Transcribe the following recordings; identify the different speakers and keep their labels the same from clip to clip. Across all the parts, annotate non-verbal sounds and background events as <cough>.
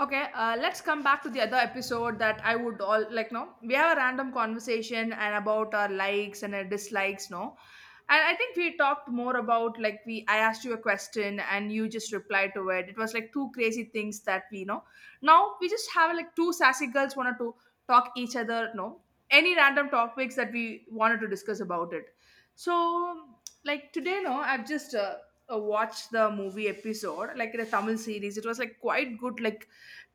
Speaker 1: Okay, let's come back to the other episode that I would all like. No, we have a random conversation and about our likes and our dislikes. No, and I think we talked more about like we. I asked you a question and you just replied to it. It was like two crazy things that we know. Now we just have like two sassy girls wanted to talk each other. No, any random topics that we wanted to discuss about it. So like today, no, I've just. Watched the movie episode like in a Tamil series. It was like quite good, like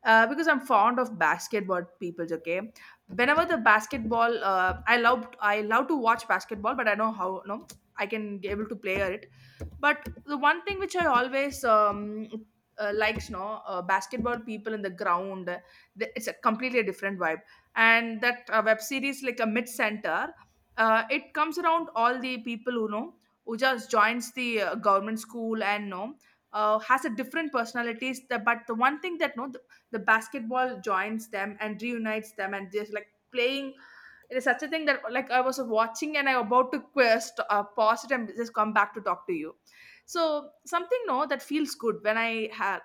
Speaker 1: uh, because I'm fond of basketball people. Okay, whenever the basketball, I love to watch basketball, but I know how no I can be able to play it. But the one thing which I always likes, no, basketball people in the ground, it's a completely different vibe. And that web series, like a mid center, it comes around all the people who know, who just joins the government school and no has a different personalities. The, but the one thing that no, the basketball joins them and reunites them and just like playing, it is such a thing that like I was watching and I am about to quest pause it and just come back to talk to you. So something no, that feels good when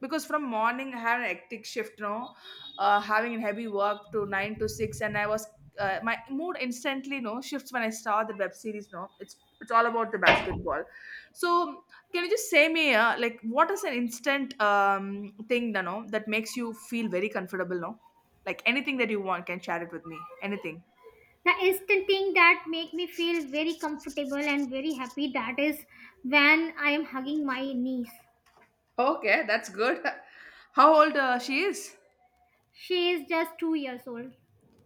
Speaker 1: because from morning I had a hectic shift, no, having heavy work to 9 to 6, and I was, my mood instantly no shifts when I saw the web series. No, it's all about the basketball. So can you just say me, like what is an instant thing, you know, that makes you feel very comfortable, no, like anything that you want can share it with me, anything?
Speaker 2: The instant thing that make me feel very comfortable and very happy, that is when I am hugging my niece.
Speaker 1: Okay, that's good. <laughs> How old she is?
Speaker 2: She is just 2 years old.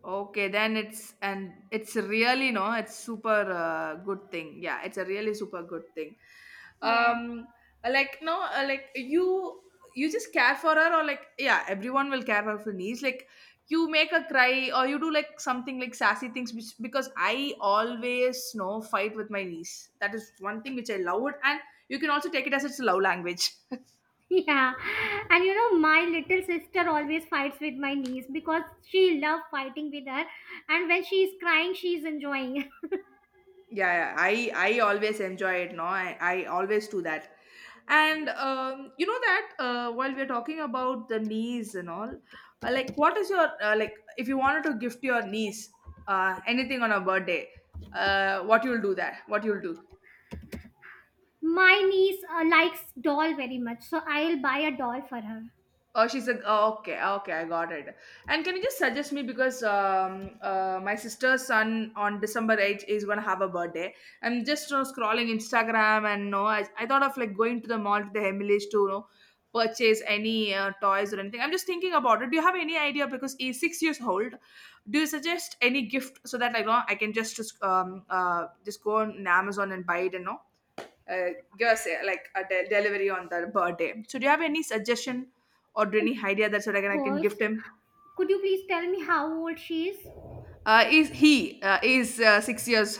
Speaker 1: Okay, then it's and it's really no, it's super good thing. Yeah, it's a really super good thing.
Speaker 2: Yeah.
Speaker 1: Um, like no, like you just care for her or like, yeah, everyone will care for her niece. Like, you make her cry or you do like something like sassy things which because I always no fight with my niece. That is one thing which I love it, and you can also take it as it's love language. <laughs>
Speaker 2: <laughs> Yeah. And you know my little sister always fights with my niece because she loves fighting with her. And when she is crying she is enjoying. <laughs>
Speaker 1: Yeah, yeah. I always enjoy it. No, I always do that. And you know that while we're talking about the niece and all, like what is your, like if you wanted to gift your niece anything on her birthday, what you'll do that? What you'll do?
Speaker 2: My niece likes doll very much, so I'll buy a doll for her.
Speaker 1: Oh, she's a. Oh, okay, ah, okay, I got it. And can you just suggest me, because my sister's son on December 8th is gonna have a birthday. I'm just, you know, scrolling Instagram, and no, I thought of like going to the mall, to the Emily's, to you know, purchase any toys or anything. I'm just thinking about it. Do you have any idea because he's 6 years old? Do you suggest any gift so that I know I can just go on Amazon and buy it and no? uh, your say like a delivery on their birthday. So do you have any suggestion or do
Speaker 2: Of
Speaker 1: any idea that's what I can
Speaker 2: course.
Speaker 1: gift him?
Speaker 2: Could you please tell me how old she is?
Speaker 1: Is he is 6 years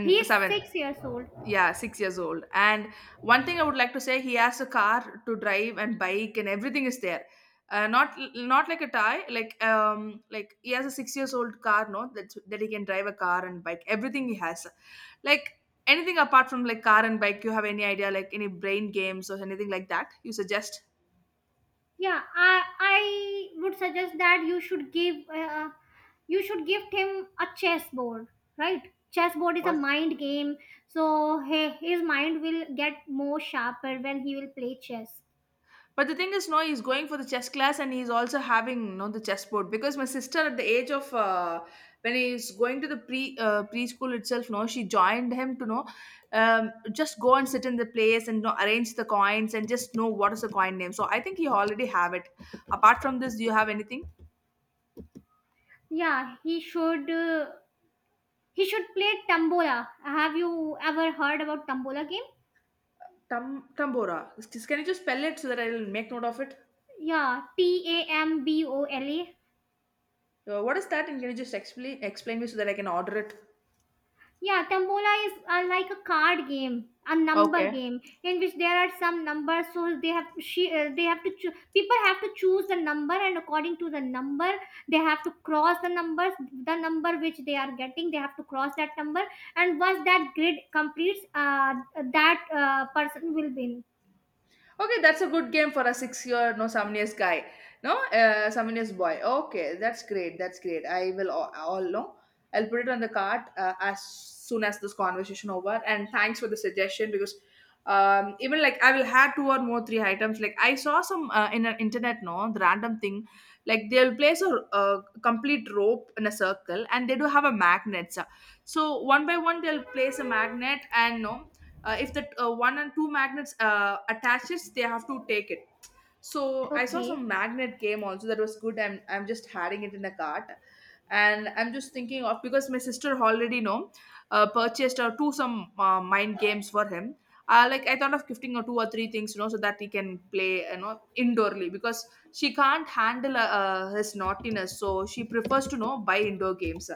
Speaker 2: He is
Speaker 1: seven.
Speaker 2: 6 years old.
Speaker 1: Yeah, 6 years old. And one thing I would like to say, he has a car to drive and bike, and everything is there. Not not like a tie, like he has a 6 years old car, no, that that he can drive a car and bike. Everything he has, like, anything apart from like car and bike. You have any idea, like any brain games or anything like that? You suggest?
Speaker 2: Yeah, I would suggest that you should gift him a chessboard. Right. Chessboard is a
Speaker 1: What?
Speaker 2: mind game, so his mind will get more sharper when he will play chess.
Speaker 1: But the thing is, no, he's going for the chess class, and he's also having, no, the chess board, because my sister at the age of when he's going to the preschool itself, no, she joined him to know, just go and sit in the place and you know, arrange the coins and just know what is the coin name. So I think he already have it. Apart from this, do you have anything?
Speaker 2: Yeah, he should play tambola. Have you ever heard about tambola game?
Speaker 1: Tam tambora. Can you just spell it so that I'll make note of it?
Speaker 2: Yeah, t a m b o l a.
Speaker 1: What is that? And can you just explain me so that I can order it?
Speaker 2: Yeah, Tambola is like a card game, a number
Speaker 1: Okay.
Speaker 2: game in which there are some numbers. So they have she they have to choo- people have to choose the number, and according to the number, they have to cross the numbers. The number which they are getting, they have to cross that number, and once that grid completes, that person will win.
Speaker 1: Okay, that's a good game for a six-year, no, 7 years guy, no, some years boy. Okay, that's great. That's great. I will all know. I'll put it on the card as soon as this conversation over. And thanks for the suggestion because even like I will have two or more three items. Like I saw some in an internet, no, the random thing. Like they'll place a complete rope in a circle, and they do have a magnet. So, so one by one, they'll place a magnet and no, if the one and two magnets attaches, they have to take it. So I saw
Speaker 2: Okay.
Speaker 1: some magnet game also, that was good. I'm just adding it in the cart. And I'm just thinking of, because my sister already know purchased two, some mind games for him. Like I thought of gifting her two or three things, you know, so that he can play, you know, indoorly, because she can't handle his naughtiness. So she prefers to, you know, buy indoor games.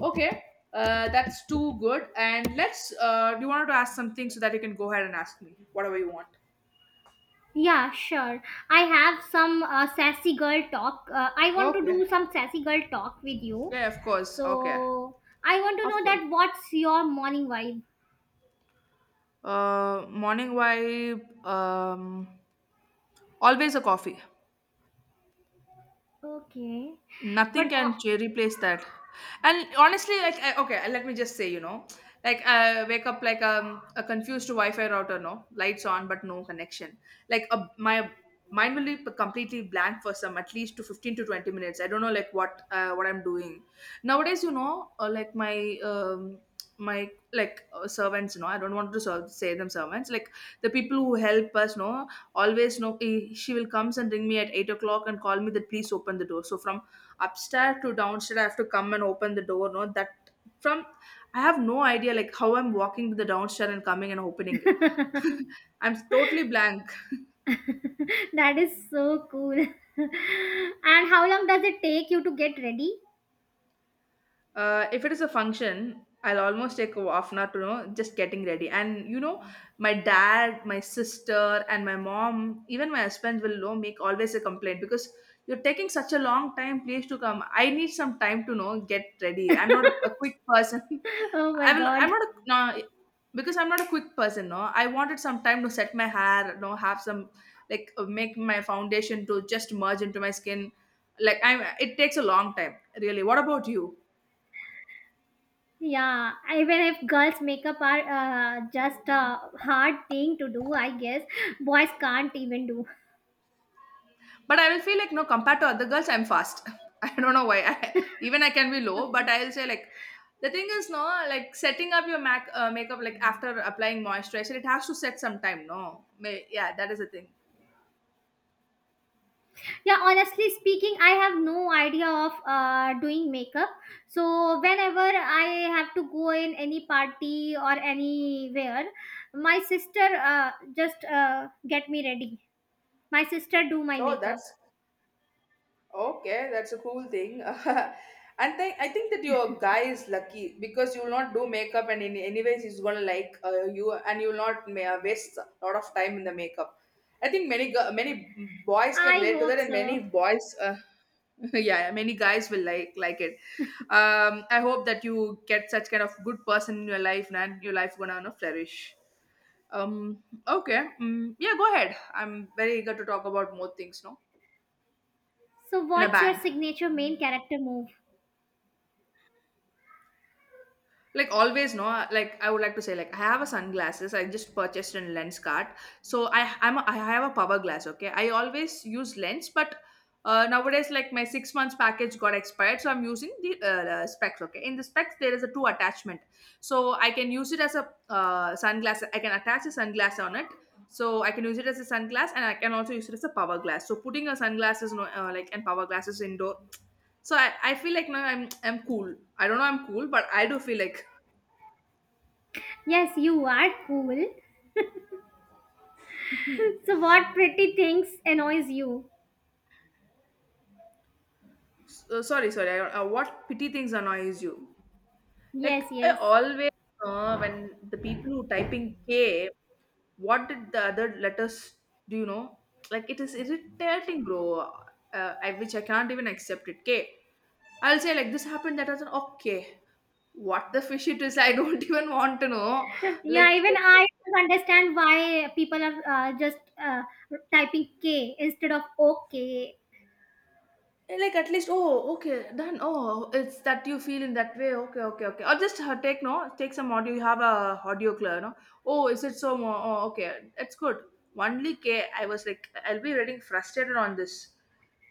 Speaker 1: Okay, that's too good. And let's. Do you wanted to ask something so that you can go ahead and ask me whatever you want?
Speaker 2: Yeah, sure. I have some sassy girl talk. I want to
Speaker 1: Okay.
Speaker 2: do some sassy girl talk with you.
Speaker 1: Yeah, of course. Okay,
Speaker 2: So I want to
Speaker 1: of
Speaker 2: know,
Speaker 1: course.
Speaker 2: that what's your morning vibe?
Speaker 1: Morning vibe. Always a coffee.
Speaker 2: Okay, but
Speaker 1: Nothing can replace that. And honestly like I, okay let me just say, you know, like I wake up like a confused wi-fi router, no lights on but no connection. Like a, my mind will be completely blank for some at least to 15 to 20 minutes. I don't know like what, what I'm doing nowadays. You know, like my my like servants, you know, I don't want to say them servants, like the people who help us, no, always know, eh, she will comes and ring me at 8 o'clock and call me that please open the door. So from upstairs to downstairs, I have to come and open the door, no, that from, I have no idea like how I'm walking to the downstairs and coming and opening it.
Speaker 2: <laughs>
Speaker 1: <laughs> I'm totally blank.
Speaker 2: that is so cool. <laughs> And how long does it take you to get ready?
Speaker 1: If it is a function, I'll almost take a half an hour to know, just getting ready. And you know, my dad, my sister, and my mom, even my husband, will know, make always a complaint because you're taking such a long time, please to come. I need some time to know, get ready. I'm not a, a quick person. <laughs>
Speaker 2: <laughs> Oh
Speaker 1: I
Speaker 2: my
Speaker 1: will. I'm
Speaker 2: god.
Speaker 1: not a, no, because I'm not a quick person. No, I wanted some time to set my hair. No, have some like, make my foundation to just merge into my skin. Like I'm. It takes a long time, really. What about you?
Speaker 2: Yeah, even if girls' makeup are just a hard thing to do, I guess boys can't even do.
Speaker 1: But I will feel like no, compared to other girls, I'm fast. <laughs> I don't know why. <laughs> I, even I can be low, but I'll say like, the thing is no, like setting up your mac makeup like after applying moisturizer, it has to set some time. No, May, yeah, that is the thing.
Speaker 2: Yeah, honestly speaking, I have no idea of doing makeup. So whenever I have to go in any party or anywhere, my sister just get me ready. My sister do my
Speaker 1: Oh,
Speaker 2: makeup.
Speaker 1: that's. Okay, that's a cool thing. <laughs> And I think that your guy is lucky because you will not do makeup, and in anyways, he's gonna like, you, and you will not waste a lot of time in the makeup. I think many many boys can
Speaker 2: I
Speaker 1: relate to that,
Speaker 2: hope
Speaker 1: and many
Speaker 2: so.
Speaker 1: boys, <laughs> yeah, many guys will like it. I hope that you get such kind of good person in your life, and your life gonna, you know, flourish. Okay, mm, yeah, go ahead. I'm very eager to talk about more things. No,
Speaker 2: So
Speaker 1: in a
Speaker 2: what's your
Speaker 1: bank.
Speaker 2: signature main character move?
Speaker 1: Like always, no, like I would like to say, like, I have a sunglasses. I just purchased a lens cart I have a power glass. Okay, I always use lens, but nowadays, like, my 6 months package got expired, so I'm using the specs. Okay, in the specs there is a two attachment, so I can use it as a sunglass. I can attach a sunglass on it, so I can use it as a sunglass, and I can also use it as a power glass. So putting a sunglasses, no, like, and power glasses indoor. So I feel like now I'm cool. I don't know, I'm cool, but I do feel like.
Speaker 2: Yes, you are cool. <laughs> So what pretty things annoys you?
Speaker 1: So, sorry, sorry. What petty things annoys you?
Speaker 2: Yes,
Speaker 1: Like I
Speaker 2: yes.
Speaker 1: always, when the people who typing K, what did the other letters? Do you know? Like, it is irritating, bro. Which I can't even accept it. K. I'll say like this happened. That doesn't. Okay. What the fish it is? I don't <laughs> even want to know.
Speaker 2: Yeah,
Speaker 1: Like,
Speaker 2: even I don't understand why people are just uh, typing k instead of okay.
Speaker 1: eh, like at least, oh okay, done. Oh, it's that you feel in that way. Okay, okay, okay. Or just take, no, take some audio, you have a audio clear, no. Oh, is it so oh okay, it's good. Only K, I was like, I'll be reading frustrated on this.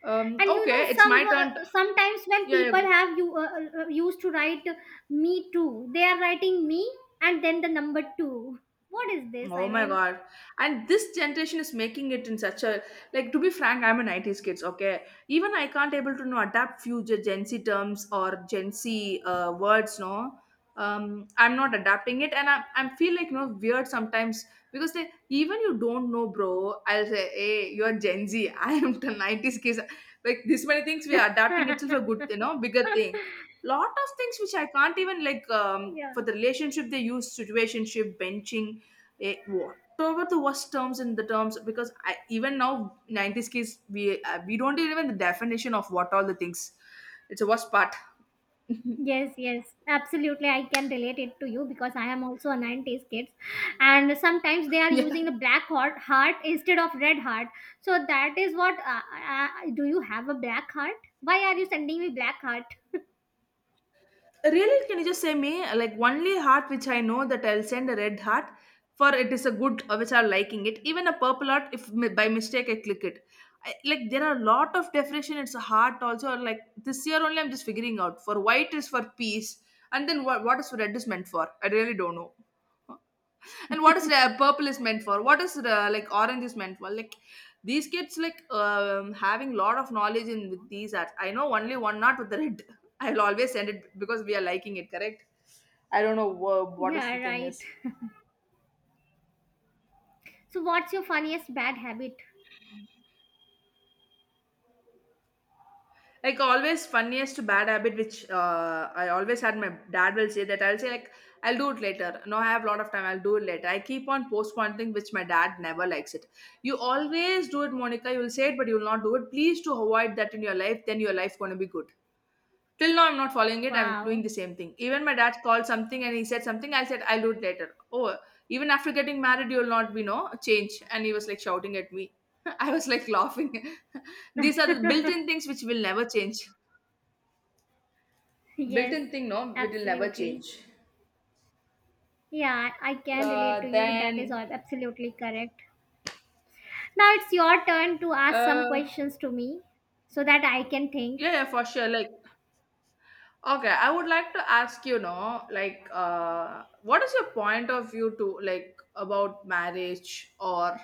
Speaker 2: And
Speaker 1: okay, it's my turn to-.
Speaker 2: sometimes when
Speaker 1: Yeah,
Speaker 2: people
Speaker 1: yeah.
Speaker 2: have you used to write "me too", they are writing "me" and then the number 2. What is this,
Speaker 1: Oh
Speaker 2: I
Speaker 1: my
Speaker 2: mean?
Speaker 1: god. And this generation is making it in such a, like, to be frank, I'm a 90s kids, okay? Even I can't able to know, adapt future Gen Z terms or Gen Z words, no. I'm not adapting it, and I feel like, you know, weird sometimes, because they, even you don't know, bro. I'll say, hey, you're Gen Z. <laughs> I am the 90s kids. Like this many things we are adapting itself a good, you know, bigger thing.
Speaker 2: <laughs>
Speaker 1: Lot of things which I can't even like,
Speaker 2: Yeah.
Speaker 1: for the relationship they use situationship, benching, eh, whatever the worst terms in the terms, because even now 90s kids, we don't even the definition of what all the things. It's a worst part.
Speaker 2: Yes, yes, absolutely. I can relate it to you because I am also a 90s kids, and sometimes they are
Speaker 1: <laughs>
Speaker 2: using
Speaker 1: Yeah.
Speaker 2: the black heart instead of red heart. So that is what. Uh, do you have a black heart? Why are you sending me black heart?
Speaker 1: Really, can you just say me like only heart which I know that I'll send a red heart. For it is a good, which are liking it. Even a purple heart, if by mistake I click it. Like, there are a lot of definition. It's a heart also. Or like this year only I'm just figuring out, for white is for peace, and then what is red is meant for, I really don't know. And what is the purple is meant for, what is the, like, orange is meant for, like, these kids like, having lot of knowledge in with these arts. I know only one, not with the red. <laughs> I'll always send it, because we are liking it, correct? I don't know what is
Speaker 2: Yeah,
Speaker 1: the thing
Speaker 2: right.
Speaker 1: is.
Speaker 2: So what's your funniest bad habit?
Speaker 1: Like always, funniest bad habit which, I always had, my dad will say that. I'll say like, I'll do it later, no, I have a lot of time, I'll do it later. I keep on postponing, which my dad never likes it. You always do it, Monica, you will say it but you will not do it. Please to avoid that in your life, then your life going to be good. Till now I'm not following it. I'm doing
Speaker 2: Wow.
Speaker 1: the same thing. Even my dad called something and he said something, I said I'll do it later. Oh, even after getting married, you'll not be no change. And he was like shouting at me. <laughs> I was like laughing. <laughs> These are the built-in things which will never change.
Speaker 2: Yes,
Speaker 1: Built-in thing, no, it will never
Speaker 2: absolutely.
Speaker 1: change.
Speaker 2: Yeah, I can relate to you. That is all
Speaker 1: Then
Speaker 2: absolutely correct. Now it's your turn to ask
Speaker 1: uh,
Speaker 2: some questions to me, so that I can think.
Speaker 1: yeah, yeah, for sure. Like, okay, I would like to ask, you know, like, what is your point of view to, like, about marriage or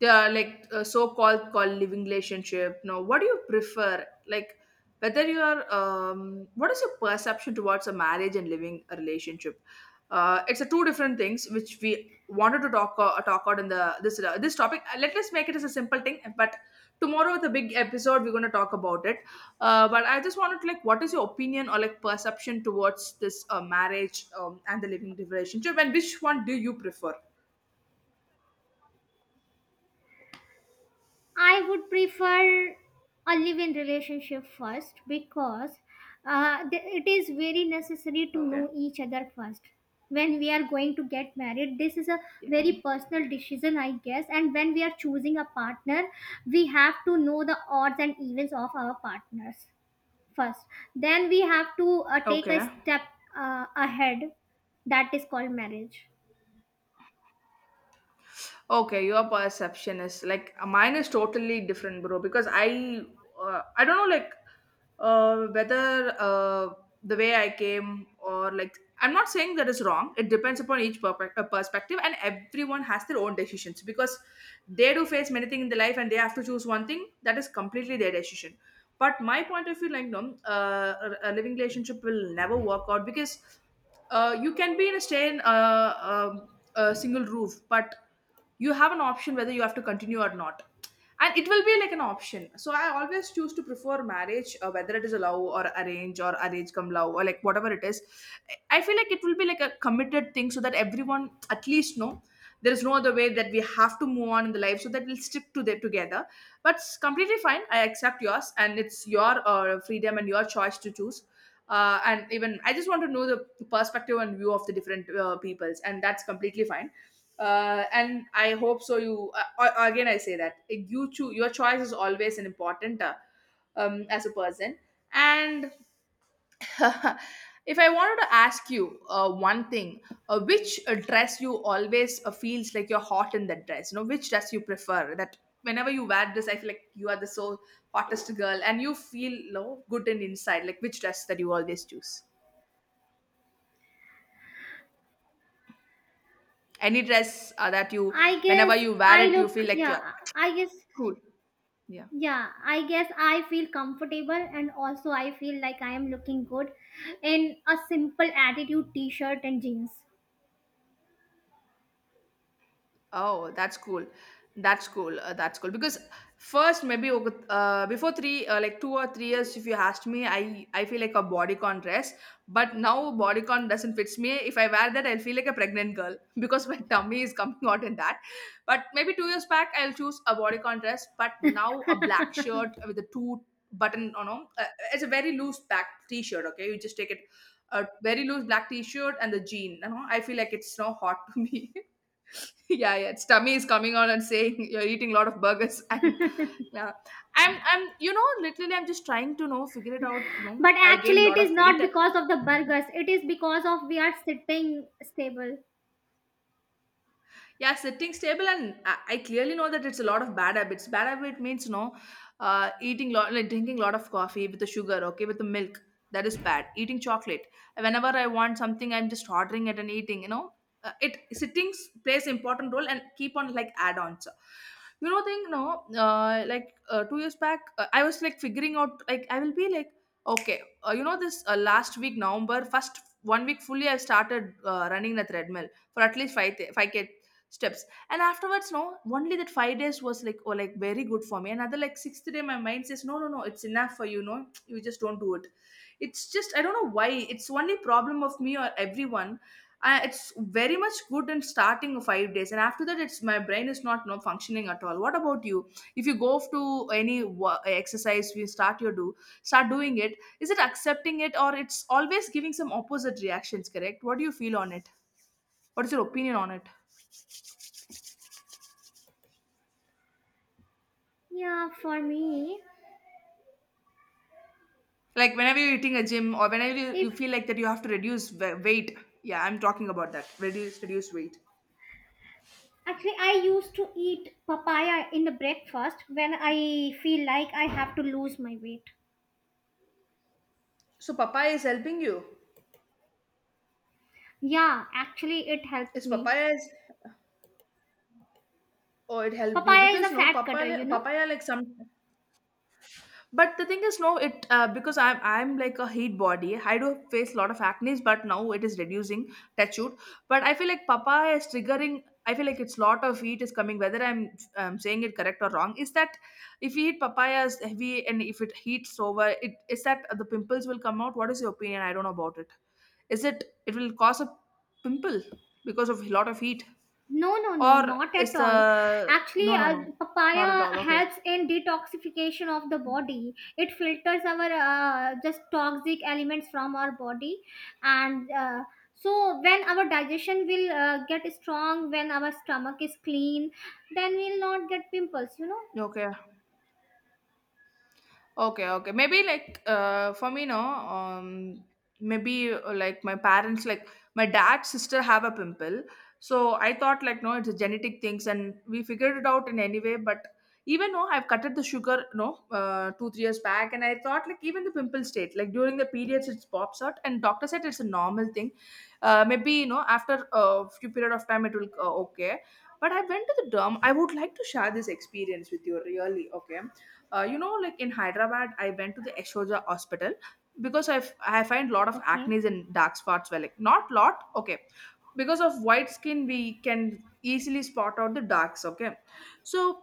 Speaker 1: the like, so-called called living relationship? No, what do you prefer? Like, whether you're, what is your perception towards a marriage and living a relationship? It's a two different things which we wanted to talk out in the this this topic. Let us make it as a simple thing, but tomorrow with a big episode we're going to talk about it. But I just wanted to like, what is your opinion or like perception towards this marriage and the living relationship, and which one do you prefer?
Speaker 2: I would prefer a live-in relationship first, because it is very necessary to
Speaker 1: Okay.
Speaker 2: know each other first. When we are going to get married, this is a
Speaker 1: Yeah.
Speaker 2: very personal decision, I guess. And when we are choosing a partner, we have to know the odds and evens of our partners first. Then we have to take a
Speaker 1: Okay.
Speaker 2: step ahead. That is called marriage.
Speaker 1: Okay, your perception is like, mine is totally different, bro. Because I don't know, like, whether the way I came, or like, I'm not saying that is wrong. It depends upon each perspective, and everyone has their own decisions, because they do face many things in their life, and they have to choose one thing, that is completely their decision. But my point of view, like, no, a living relationship will never work out, because you can be in a stay in a single roof, but you have an option whether you have to continue or not, and it will be like an option. So I always choose to prefer marriage, whether it is a love or arrange come love or like whatever it is. I feel like it will be like a committed thing, so that everyone at least know there is no other way, that we have to move on in the life, so that we'll stick to that together. But it's completely fine, I accept yours, and it's your freedom and your choice to choose. And even I just want to know the perspective and view of the different peoples, and that's completely fine. And I hope so you again I say that, you choose, your choice is always an important, as a person. And <laughs> if I wanted to ask you one thing, which dress you always feels like you're hot in that dress, you know, which dress you prefer that, whenever you wear this I feel like you are the so hottest girl, and you feel, you know, good and inside. Like which dress that you always choose? Any dress that you,
Speaker 2: I
Speaker 1: whenever
Speaker 2: guess
Speaker 1: you wear
Speaker 2: I
Speaker 1: it you
Speaker 2: look,
Speaker 1: feel like you're cool. Yeah.
Speaker 2: yeah I guess I feel comfortable, and also I feel like I am looking good in a simple attitude t-shirt and jeans.
Speaker 1: Oh, that's cool. That's cool. That's cool. Because first, maybe before three, like 2 or 3 years, if you asked me, I feel like a bodycon dress. But now bodycon doesn't fits me. If I wear that, I'll feel like a pregnant girl <laughs> because my tummy is coming out in that. But maybe 2 years back, I'll choose a bodycon dress. But now a black shirt with a two button, you know, it's a very loose back t-shirt. Okay, you just take it, a very loose black t-shirt and the jean. You know, I feel like it's so hot <laughs> to me. <laughs> Yeah, yeah. Its tummy is coming on and saying you're eating a lot of burgers <laughs> and yeah. I'm you know, literally I'm just trying to know, figure it out. You know,
Speaker 2: But
Speaker 1: I
Speaker 2: actually,
Speaker 1: gained a
Speaker 2: it
Speaker 1: lot
Speaker 2: is
Speaker 1: of
Speaker 2: not
Speaker 1: weight.
Speaker 2: because of the burgers, it is because of we are sitting stable.
Speaker 1: Yeah, sitting stable, and I clearly know that it's a lot of bad habits. Bad habit means, no, eating lot, like, drinking lot of coffee with the sugar, okay, with the milk, that is bad, eating chocolate. Whenever I want something I'm just ordering it and eating, you know. Uh, it sitting plays important role, and keep on like add-ons, you know, thing no. Uh, like, 2 years back, I was like figuring out, like I will be like okay. Uh, you know this, last week, November 1st, one week fully I started running the treadmill for at least 5 5K steps. And afterwards no, only that 5 days was like, oh, like very good for me. Another like sixth day my mind says no no no, it's enough for you, no, you just don't do it. It's just, I don't know why, it's only problem of me or everyone. Uh, it's very much good in starting of 5 days, and after that it's my brain is not no functioning at all. What about you? If you go off to any exercise, we start your do, start doing it, is it accepting it, or it's always giving some opposite reactions, correct? What do you feel on it? What is your opinion on it?
Speaker 2: Yeah, for me,
Speaker 1: Like whenever you're eating a gym, or whenever you,
Speaker 2: if
Speaker 1: you feel like that you have to reduce weight. Yeah, I'm talking about that. Reduce weight.
Speaker 2: actually I used to eat papaya in the breakfast when I feel like I have to lose my weight.
Speaker 1: So papaya is helping you.
Speaker 2: Yeah, actually it helped
Speaker 1: Is
Speaker 2: me.
Speaker 1: papaya is, oh it helped you,
Speaker 2: Papaya is a
Speaker 1: because no,
Speaker 2: fat cutter, you know.
Speaker 1: papaya like some. But the thing is, no, it, because I'm like a heat body. I do face a lot of acne, but now it is reducing. Touch wood. But I feel like papaya is triggering. I feel like it's lot of heat is coming. Whether I'm saying it correct or wrong, is that if we eat papayas heavy and if it heats over, it is that the pimples will come out. What is your opinion? I don't know about it. Is it will cause a pimple because of a lot of heat,
Speaker 2: No, no, no,
Speaker 1: or
Speaker 2: not
Speaker 1: is
Speaker 2: at all.
Speaker 1: the
Speaker 2: Actually,
Speaker 1: no, no, no, not at
Speaker 2: papaya
Speaker 1: all? Okay,
Speaker 2: helps in detoxification of the body. It filters our just toxic elements from our body, and so when our digestion will get strong, when our stomach is clean, then we'll not get pimples. You know.
Speaker 1: okay. Okay, okay. Maybe like for me, no. Maybe like my parents, like my dad's sister, have a pimple. So I thought like no, it's a genetic things, and we figured it out in any way. But even though I've cutted the sugar, no, 2 3 years back, and I thought like even the pimple state, like during the periods, it pops out, and doctor said it's a normal thing. Maybe after a few period of time, it will okay. But I went to the derm. I would like to share this experience with you, really. Okay, like in Hyderabad I went to the Ashoja hospital because I find lot of
Speaker 2: Okay.
Speaker 1: acne and dark spots. Well, like not lot, okay, because of white skin we can easily spot out the darks, okay. So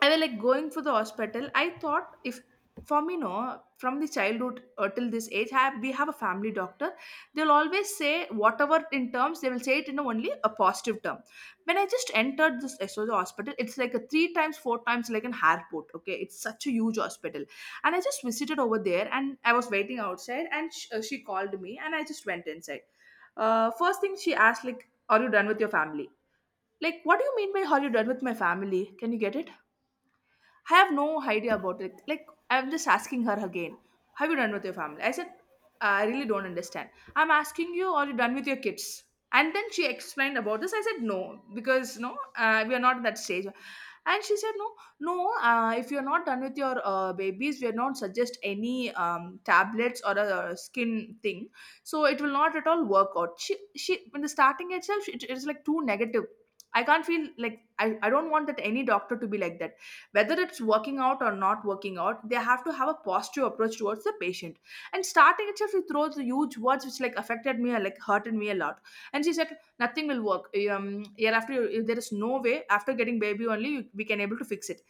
Speaker 1: I was like going for the hospital. I thought if for me, no, from the childhood till this age, have we have a family doctor. They'll always say whatever in terms, they will say it in only a positive term. When I just entered this SOJ hospital, it's like a three times, four times like an airport. Okay, it's such a huge hospital, and I just visited over there, and I was waiting outside, and she called me, and I just went inside. First thing she asked, like, "Are you done with your family?" Like, what do you mean by "Are you done with my family"? Can you get it? I have no idea about it. Like, I'm just asking her again, have you done with your family? I said, I really don't understand. I'm asking you, are you done with your kids? And then she explained about this. I said, no, because no, we are not at that stage. And she said, no, no, if you're not done with your babies, we are not suggest any tablets or a skin thing. So it will not at all work out. She, in the starting itself, it is like too negative. I can't feel like I don't want that any doctor to be like that, whether it's working out or not working out. They have to have a positive approach towards the patient, and starting itself she throws the huge words which like affected me or like hurted me a lot. And she said nothing will work. um Hereafter, if there is no way after getting baby only, we can able to fix it.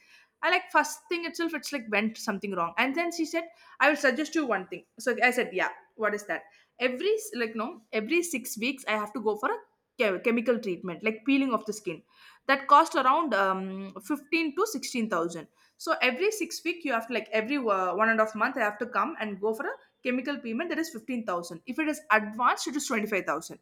Speaker 1: I, like, first thing itself, it's like went something wrong, and then she said, I will suggest you one thing. So I said, yeah, what is that? Every like, no, every 6 weeks I have to go for a chemical treatment like peeling of the skin. That cost around 15 to 16,000. So every 6 week you have to, like every 1.5 month I have to come and go for a chemical payment that is 15,000. If it is advanced it is 25,000.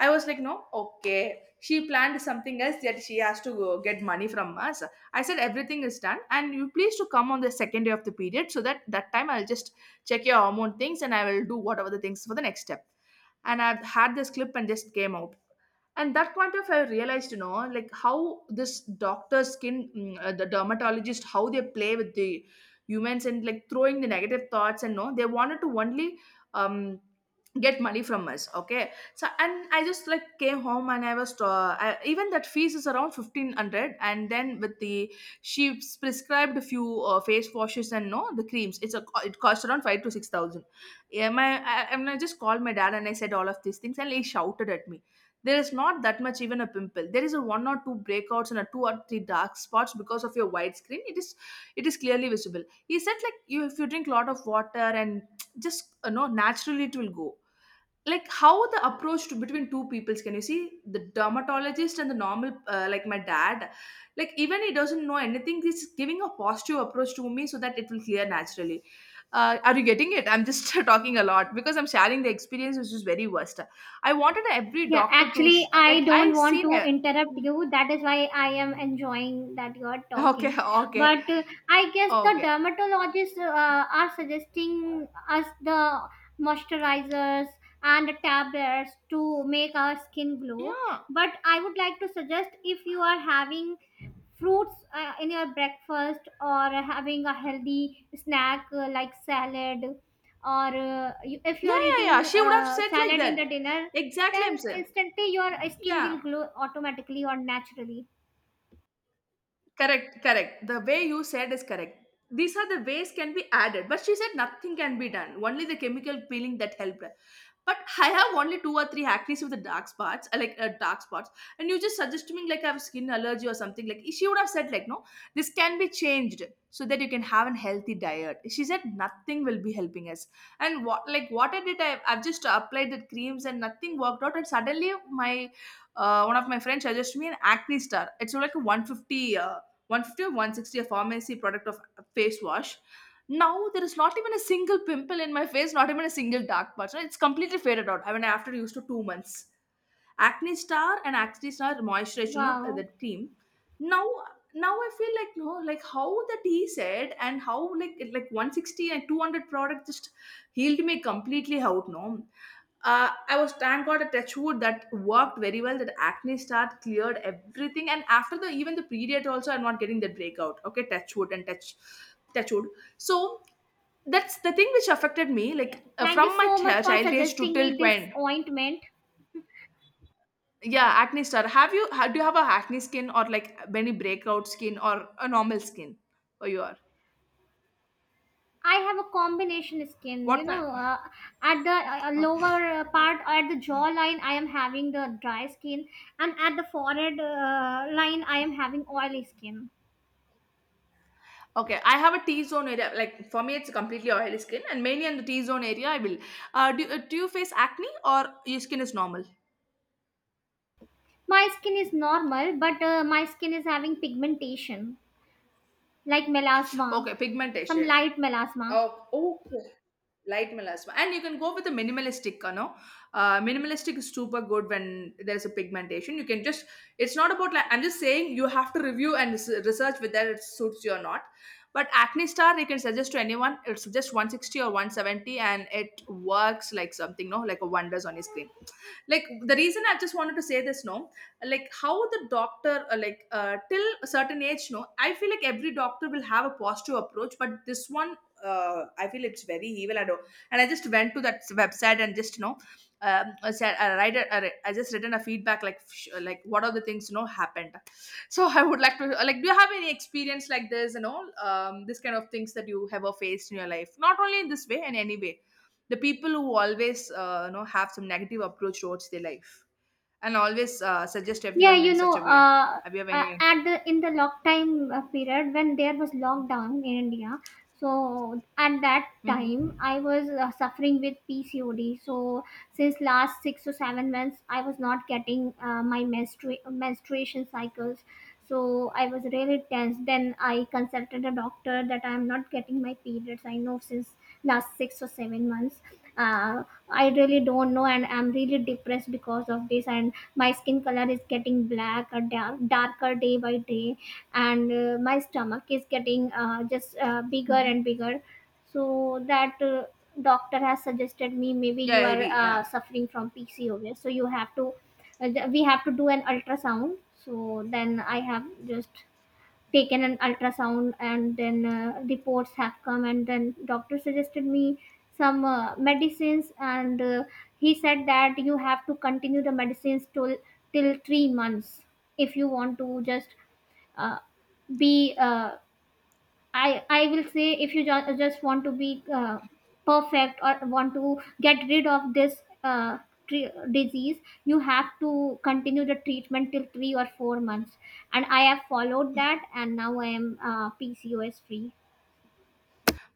Speaker 1: I was like, no, okay. She planned something else that she has to go get money from us. I said, everything is done, and you please to come on the second day of the period so that time I'll just check your hormone things, and I will do whatever the things for the next step. And I've had this clip and just came out. And that point of I realized, like how this doctor skin, the dermatologist, how they play with the humans and like throwing the negative thoughts, and no, they wanted to only um, get money from us. Okay. So, and I just like came home, and I was even that fees is around 1500, and then with the, she prescribed a few face washes, and no, the creams, it cost around 5 to 6000. Yeah, my I mean, I just called my dad and I said all of these things, and he shouted at me. There is not that much even a pimple. There is a one or two breakouts and a two or three dark spots. Because of your widescreen, it is clearly visible. He said like, you, if you drink a lot of water and just naturally it will go. Like how the approach to between two peoples, can you see the dermatologist and the normal like my dad, like even he doesn't know anything, he's giving a positive approach to me so that it will clear naturally. Are you getting it? I'm just <laughs> talking a lot because I'm sharing the experience which is very worst. I wanted every
Speaker 2: Yeah,
Speaker 1: doctor to
Speaker 2: actually, I
Speaker 1: like, I
Speaker 2: don't want
Speaker 1: seen
Speaker 2: to
Speaker 1: a
Speaker 2: interrupt you. That is why I am enjoying that you are
Speaker 1: <laughs> okay,
Speaker 2: talking.
Speaker 1: okay,
Speaker 2: But I guess the
Speaker 1: okay.
Speaker 2: dermatologists are suggesting us the moisturizers and the tablets to make our skin glow.
Speaker 1: Yeah,
Speaker 2: But I would like to suggest, if you are having fruits in your breakfast, or having a healthy snack like salad, or if you
Speaker 1: yeah,
Speaker 2: are
Speaker 1: yeah, yeah,
Speaker 2: eating
Speaker 1: she would have said like
Speaker 2: salad in
Speaker 1: that.
Speaker 2: the dinner,
Speaker 1: Exactly, I'm
Speaker 2: then
Speaker 1: saying,
Speaker 2: instantly your skin
Speaker 1: yeah.
Speaker 2: will glow automatically or naturally.
Speaker 1: Correct, correct. The way you said is correct. These are the ways can be added, but she said nothing can be done. Only the chemical peeling that helped her. But I have only two or three acne with the dark spots, like dark spots, and you just suggested me like I have skin allergy or something. Like she would have said like, no, this can be changed so that you can have a healthy diet. She said nothing will be helping us. And what, like what I did, I've just applied the creams, and nothing worked out. And suddenly my one of my friends suggested me an acne star. It's like a 150, 150 or 160, a pharmacy product of a face wash. Now there is not even a single pimple in my face, not even a single dark patch. It's completely faded out. I mean, after used to 2 months acne star and acne star moisturizer, the
Speaker 2: Wow.
Speaker 1: cream. Now now I feel like, no, like how that he said, and how like like 160 and 200 product just healed me completely out. No, I was, thank God, a touch wood, that worked very well. That acne start cleared everything, and after the, even the period also, I'm not getting that breakout. Okay, touch wood and touch wood. So that's the thing which affected me,
Speaker 2: Yeah,
Speaker 1: like
Speaker 2: thank you
Speaker 1: from my
Speaker 2: so much for
Speaker 1: child age to
Speaker 2: suggesting
Speaker 1: till
Speaker 2: me this
Speaker 1: when.
Speaker 2: ointment.
Speaker 1: Yeah, acne star. Have you ha do you have a acne skin or like many breakout skin or a normal skin? Or you are
Speaker 2: I have a combination skin, you
Speaker 1: what kind?
Speaker 2: know. At the
Speaker 1: Huh?
Speaker 2: lower part, at the jawline, I am having the dry skin. And at the forehead line, I am having oily skin.
Speaker 1: Okay, I have a T zone area. Like for me, it's completely oily skin, and mainly in the T zone area, I will. Do you face acne or your skin is normal?
Speaker 2: My skin is normal, but my skin is having pigmentation. Like melasma,
Speaker 1: Okay,
Speaker 2: some
Speaker 1: pigmentation.
Speaker 2: light melasma.
Speaker 1: Oh, okay. Light melasma. And you can go with a minimalistic. Minimalistic is super good when there's a pigmentation. You can just, it's not about, like, I'm just saying you have to review and research whether it suits you or not. But Acne Star, you can suggest to anyone. It's just 160 or 170, and it works like something, no, like a wonders on your screen. Like the reason I just wanted to say this, no, like how the doctor like till a certain age, no, I feel like every doctor will have a positive approach, but this one, I feel it's very evil. I don't, and I just went to that website and just I said, I write a, I write- I just written a feedback like like what are the things happened. So I would like to like, do you have any experience like this, and all this kind of things that you have ever faced in your life? Not only in this way, in any way, the people who always have some negative approach towards their life, and always suggest
Speaker 2: Yeah,
Speaker 1: everyone
Speaker 2: you
Speaker 1: in
Speaker 2: know,
Speaker 1: such a way. Have you have any?
Speaker 2: at the in the lockdown period, when there was lockdown in India, so at that
Speaker 1: Hmm.
Speaker 2: time I was suffering with PCOD. So since last 6 to 7 months, I was not getting my menstruation cycles. So I was really tense. Then I consulted a doctor that I am not getting my periods, I know, since last 6 or 7 months. Uh, I really don't know, and I'm really depressed because of this. And my skin color is getting black or dark, darker day by day. And my stomach is getting just bigger and
Speaker 1: Hmm.
Speaker 2: bigger, so that doctor has suggested me, maybe you
Speaker 1: Yeah,
Speaker 2: are
Speaker 1: yeah, yeah.
Speaker 2: suffering from PCOS, so you have to we have to do an ultrasound. So then I have just taken an ultrasound, and then reports have come, and then doctor suggested me some medicines, and he said that you have to continue the medicines till 3 months, if you want to just uh, be uh, I will say, if you just want to be perfect, or want to get rid of this disease, you have to continue the treatment till 3 or 4 months. And I have followed that, and now I am PCOS free.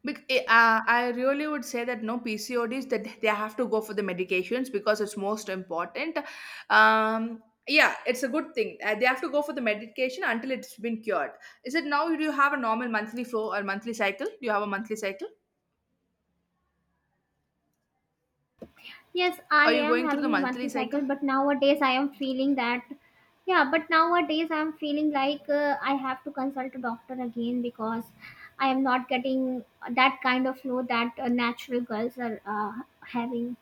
Speaker 1: I really would say that, no, PCODs, that they have to go for the medications because it's most important. Um, yeah, it's a good thing. They have to go for the medication until it's been cured. Is it now? Do you have a normal monthly flow or monthly cycle? Do you have a monthly cycle?
Speaker 2: Yes, I
Speaker 1: Are you
Speaker 2: am
Speaker 1: going through the
Speaker 2: having a monthly
Speaker 1: monthly
Speaker 2: cycle,
Speaker 1: cycle?
Speaker 2: but nowadays I am feeling like I have to consult a doctor again, because I am not getting that kind of flow that natural girls are having.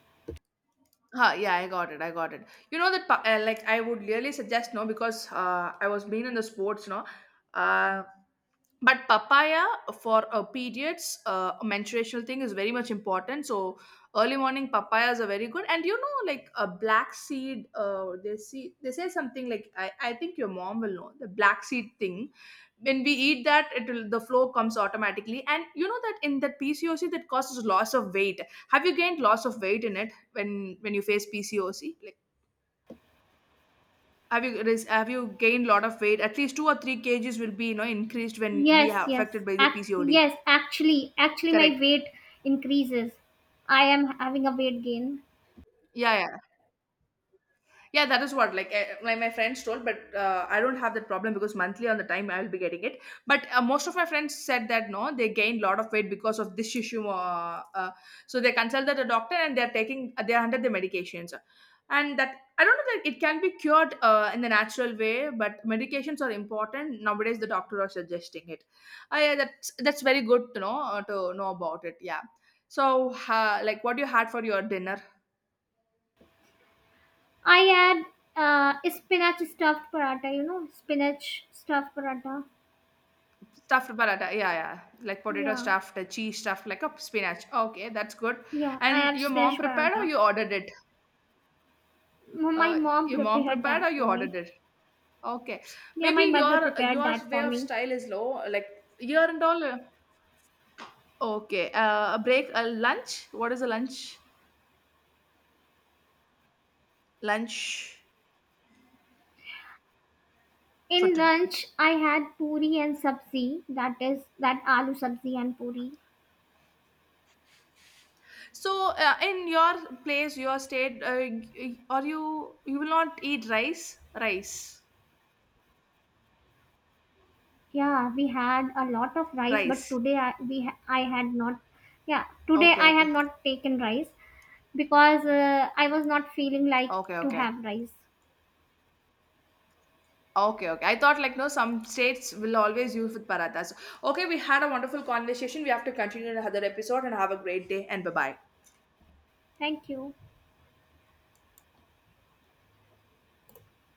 Speaker 1: Huh, yeah, I got it. I got it. You know that like, I would really suggest, no, because I was being in the sports, no, uh, but papaya, for periods, a menstruational thing is very much important. So early morning papayas are very good. And you know like a black seed, they say something like, I think your mom will know the black seed thing. When we eat that, it will, the flow comes automatically. And you know that in that PCOS that causes loss of weight. Have you gained loss of weight in it? When you face PCOC? Like, have you have you gained lot of weight? At least 2 or 3 kgs will be increased when we
Speaker 2: Yes,
Speaker 1: are
Speaker 2: yes,
Speaker 1: affected by the PCOD.
Speaker 2: actually, my
Speaker 1: Correct.
Speaker 2: weight increases. I am having a weight gain.
Speaker 1: Yeah, yeah. Yeah, that is what, like, like my friends told, but I don't have that problem because monthly on the time I will be getting it. But most of my friends said that, no, they gained a lot of weight because of this issue. So they consulted a doctor, and they are under the medications, and that I don't know that it can be cured in the natural way, but medications are important nowadays. The doctor are suggesting it. Yeah, that's very good to know about it. Yeah. So, like, what you had for your dinner?
Speaker 2: I add spinach stuffed paratha, you know, spinach stuffed paratha.
Speaker 1: Stuffed paratha, yeah, yeah, like potato
Speaker 2: Yeah,
Speaker 1: stuffed, cheese stuffed, like a spinach. Okay, that's good.
Speaker 2: yeah, I
Speaker 1: And
Speaker 2: have
Speaker 1: your mom
Speaker 2: spinach
Speaker 1: prepared or
Speaker 2: paratha.
Speaker 1: you ordered it?
Speaker 2: My
Speaker 1: Uh,
Speaker 2: mom
Speaker 1: your mom
Speaker 2: prepared
Speaker 1: prepared
Speaker 2: that
Speaker 1: or you
Speaker 2: for
Speaker 1: ordered
Speaker 2: me.
Speaker 1: it? Okay,
Speaker 2: Yeah,
Speaker 1: maybe
Speaker 2: my mother
Speaker 1: your
Speaker 2: prepared
Speaker 1: your
Speaker 2: that
Speaker 1: way
Speaker 2: for
Speaker 1: of
Speaker 2: me.
Speaker 1: style is low, like year and all. Okay, a break, a lunch. What is a lunch? Lunch for
Speaker 2: In
Speaker 1: today.
Speaker 2: lunch, I had puri and sabzi. That is that aloo sabzi and puri.
Speaker 1: So, in your place, your state, are you will not eat rice? Rice,
Speaker 2: Yeah, we had a lot of rice, but
Speaker 1: rice.
Speaker 2: today I had not. Yeah, today
Speaker 1: Okay,
Speaker 2: I have
Speaker 1: okay,
Speaker 2: not taken rice, because I was not feeling like
Speaker 1: okay,
Speaker 2: to
Speaker 1: okay.
Speaker 2: have rice.
Speaker 1: Okay, okay. I thought like, no, some states will always use with parathas. Okay, we had a wonderful conversation. We have to continue in another episode and have a great day, and bye bye.
Speaker 2: Thank you.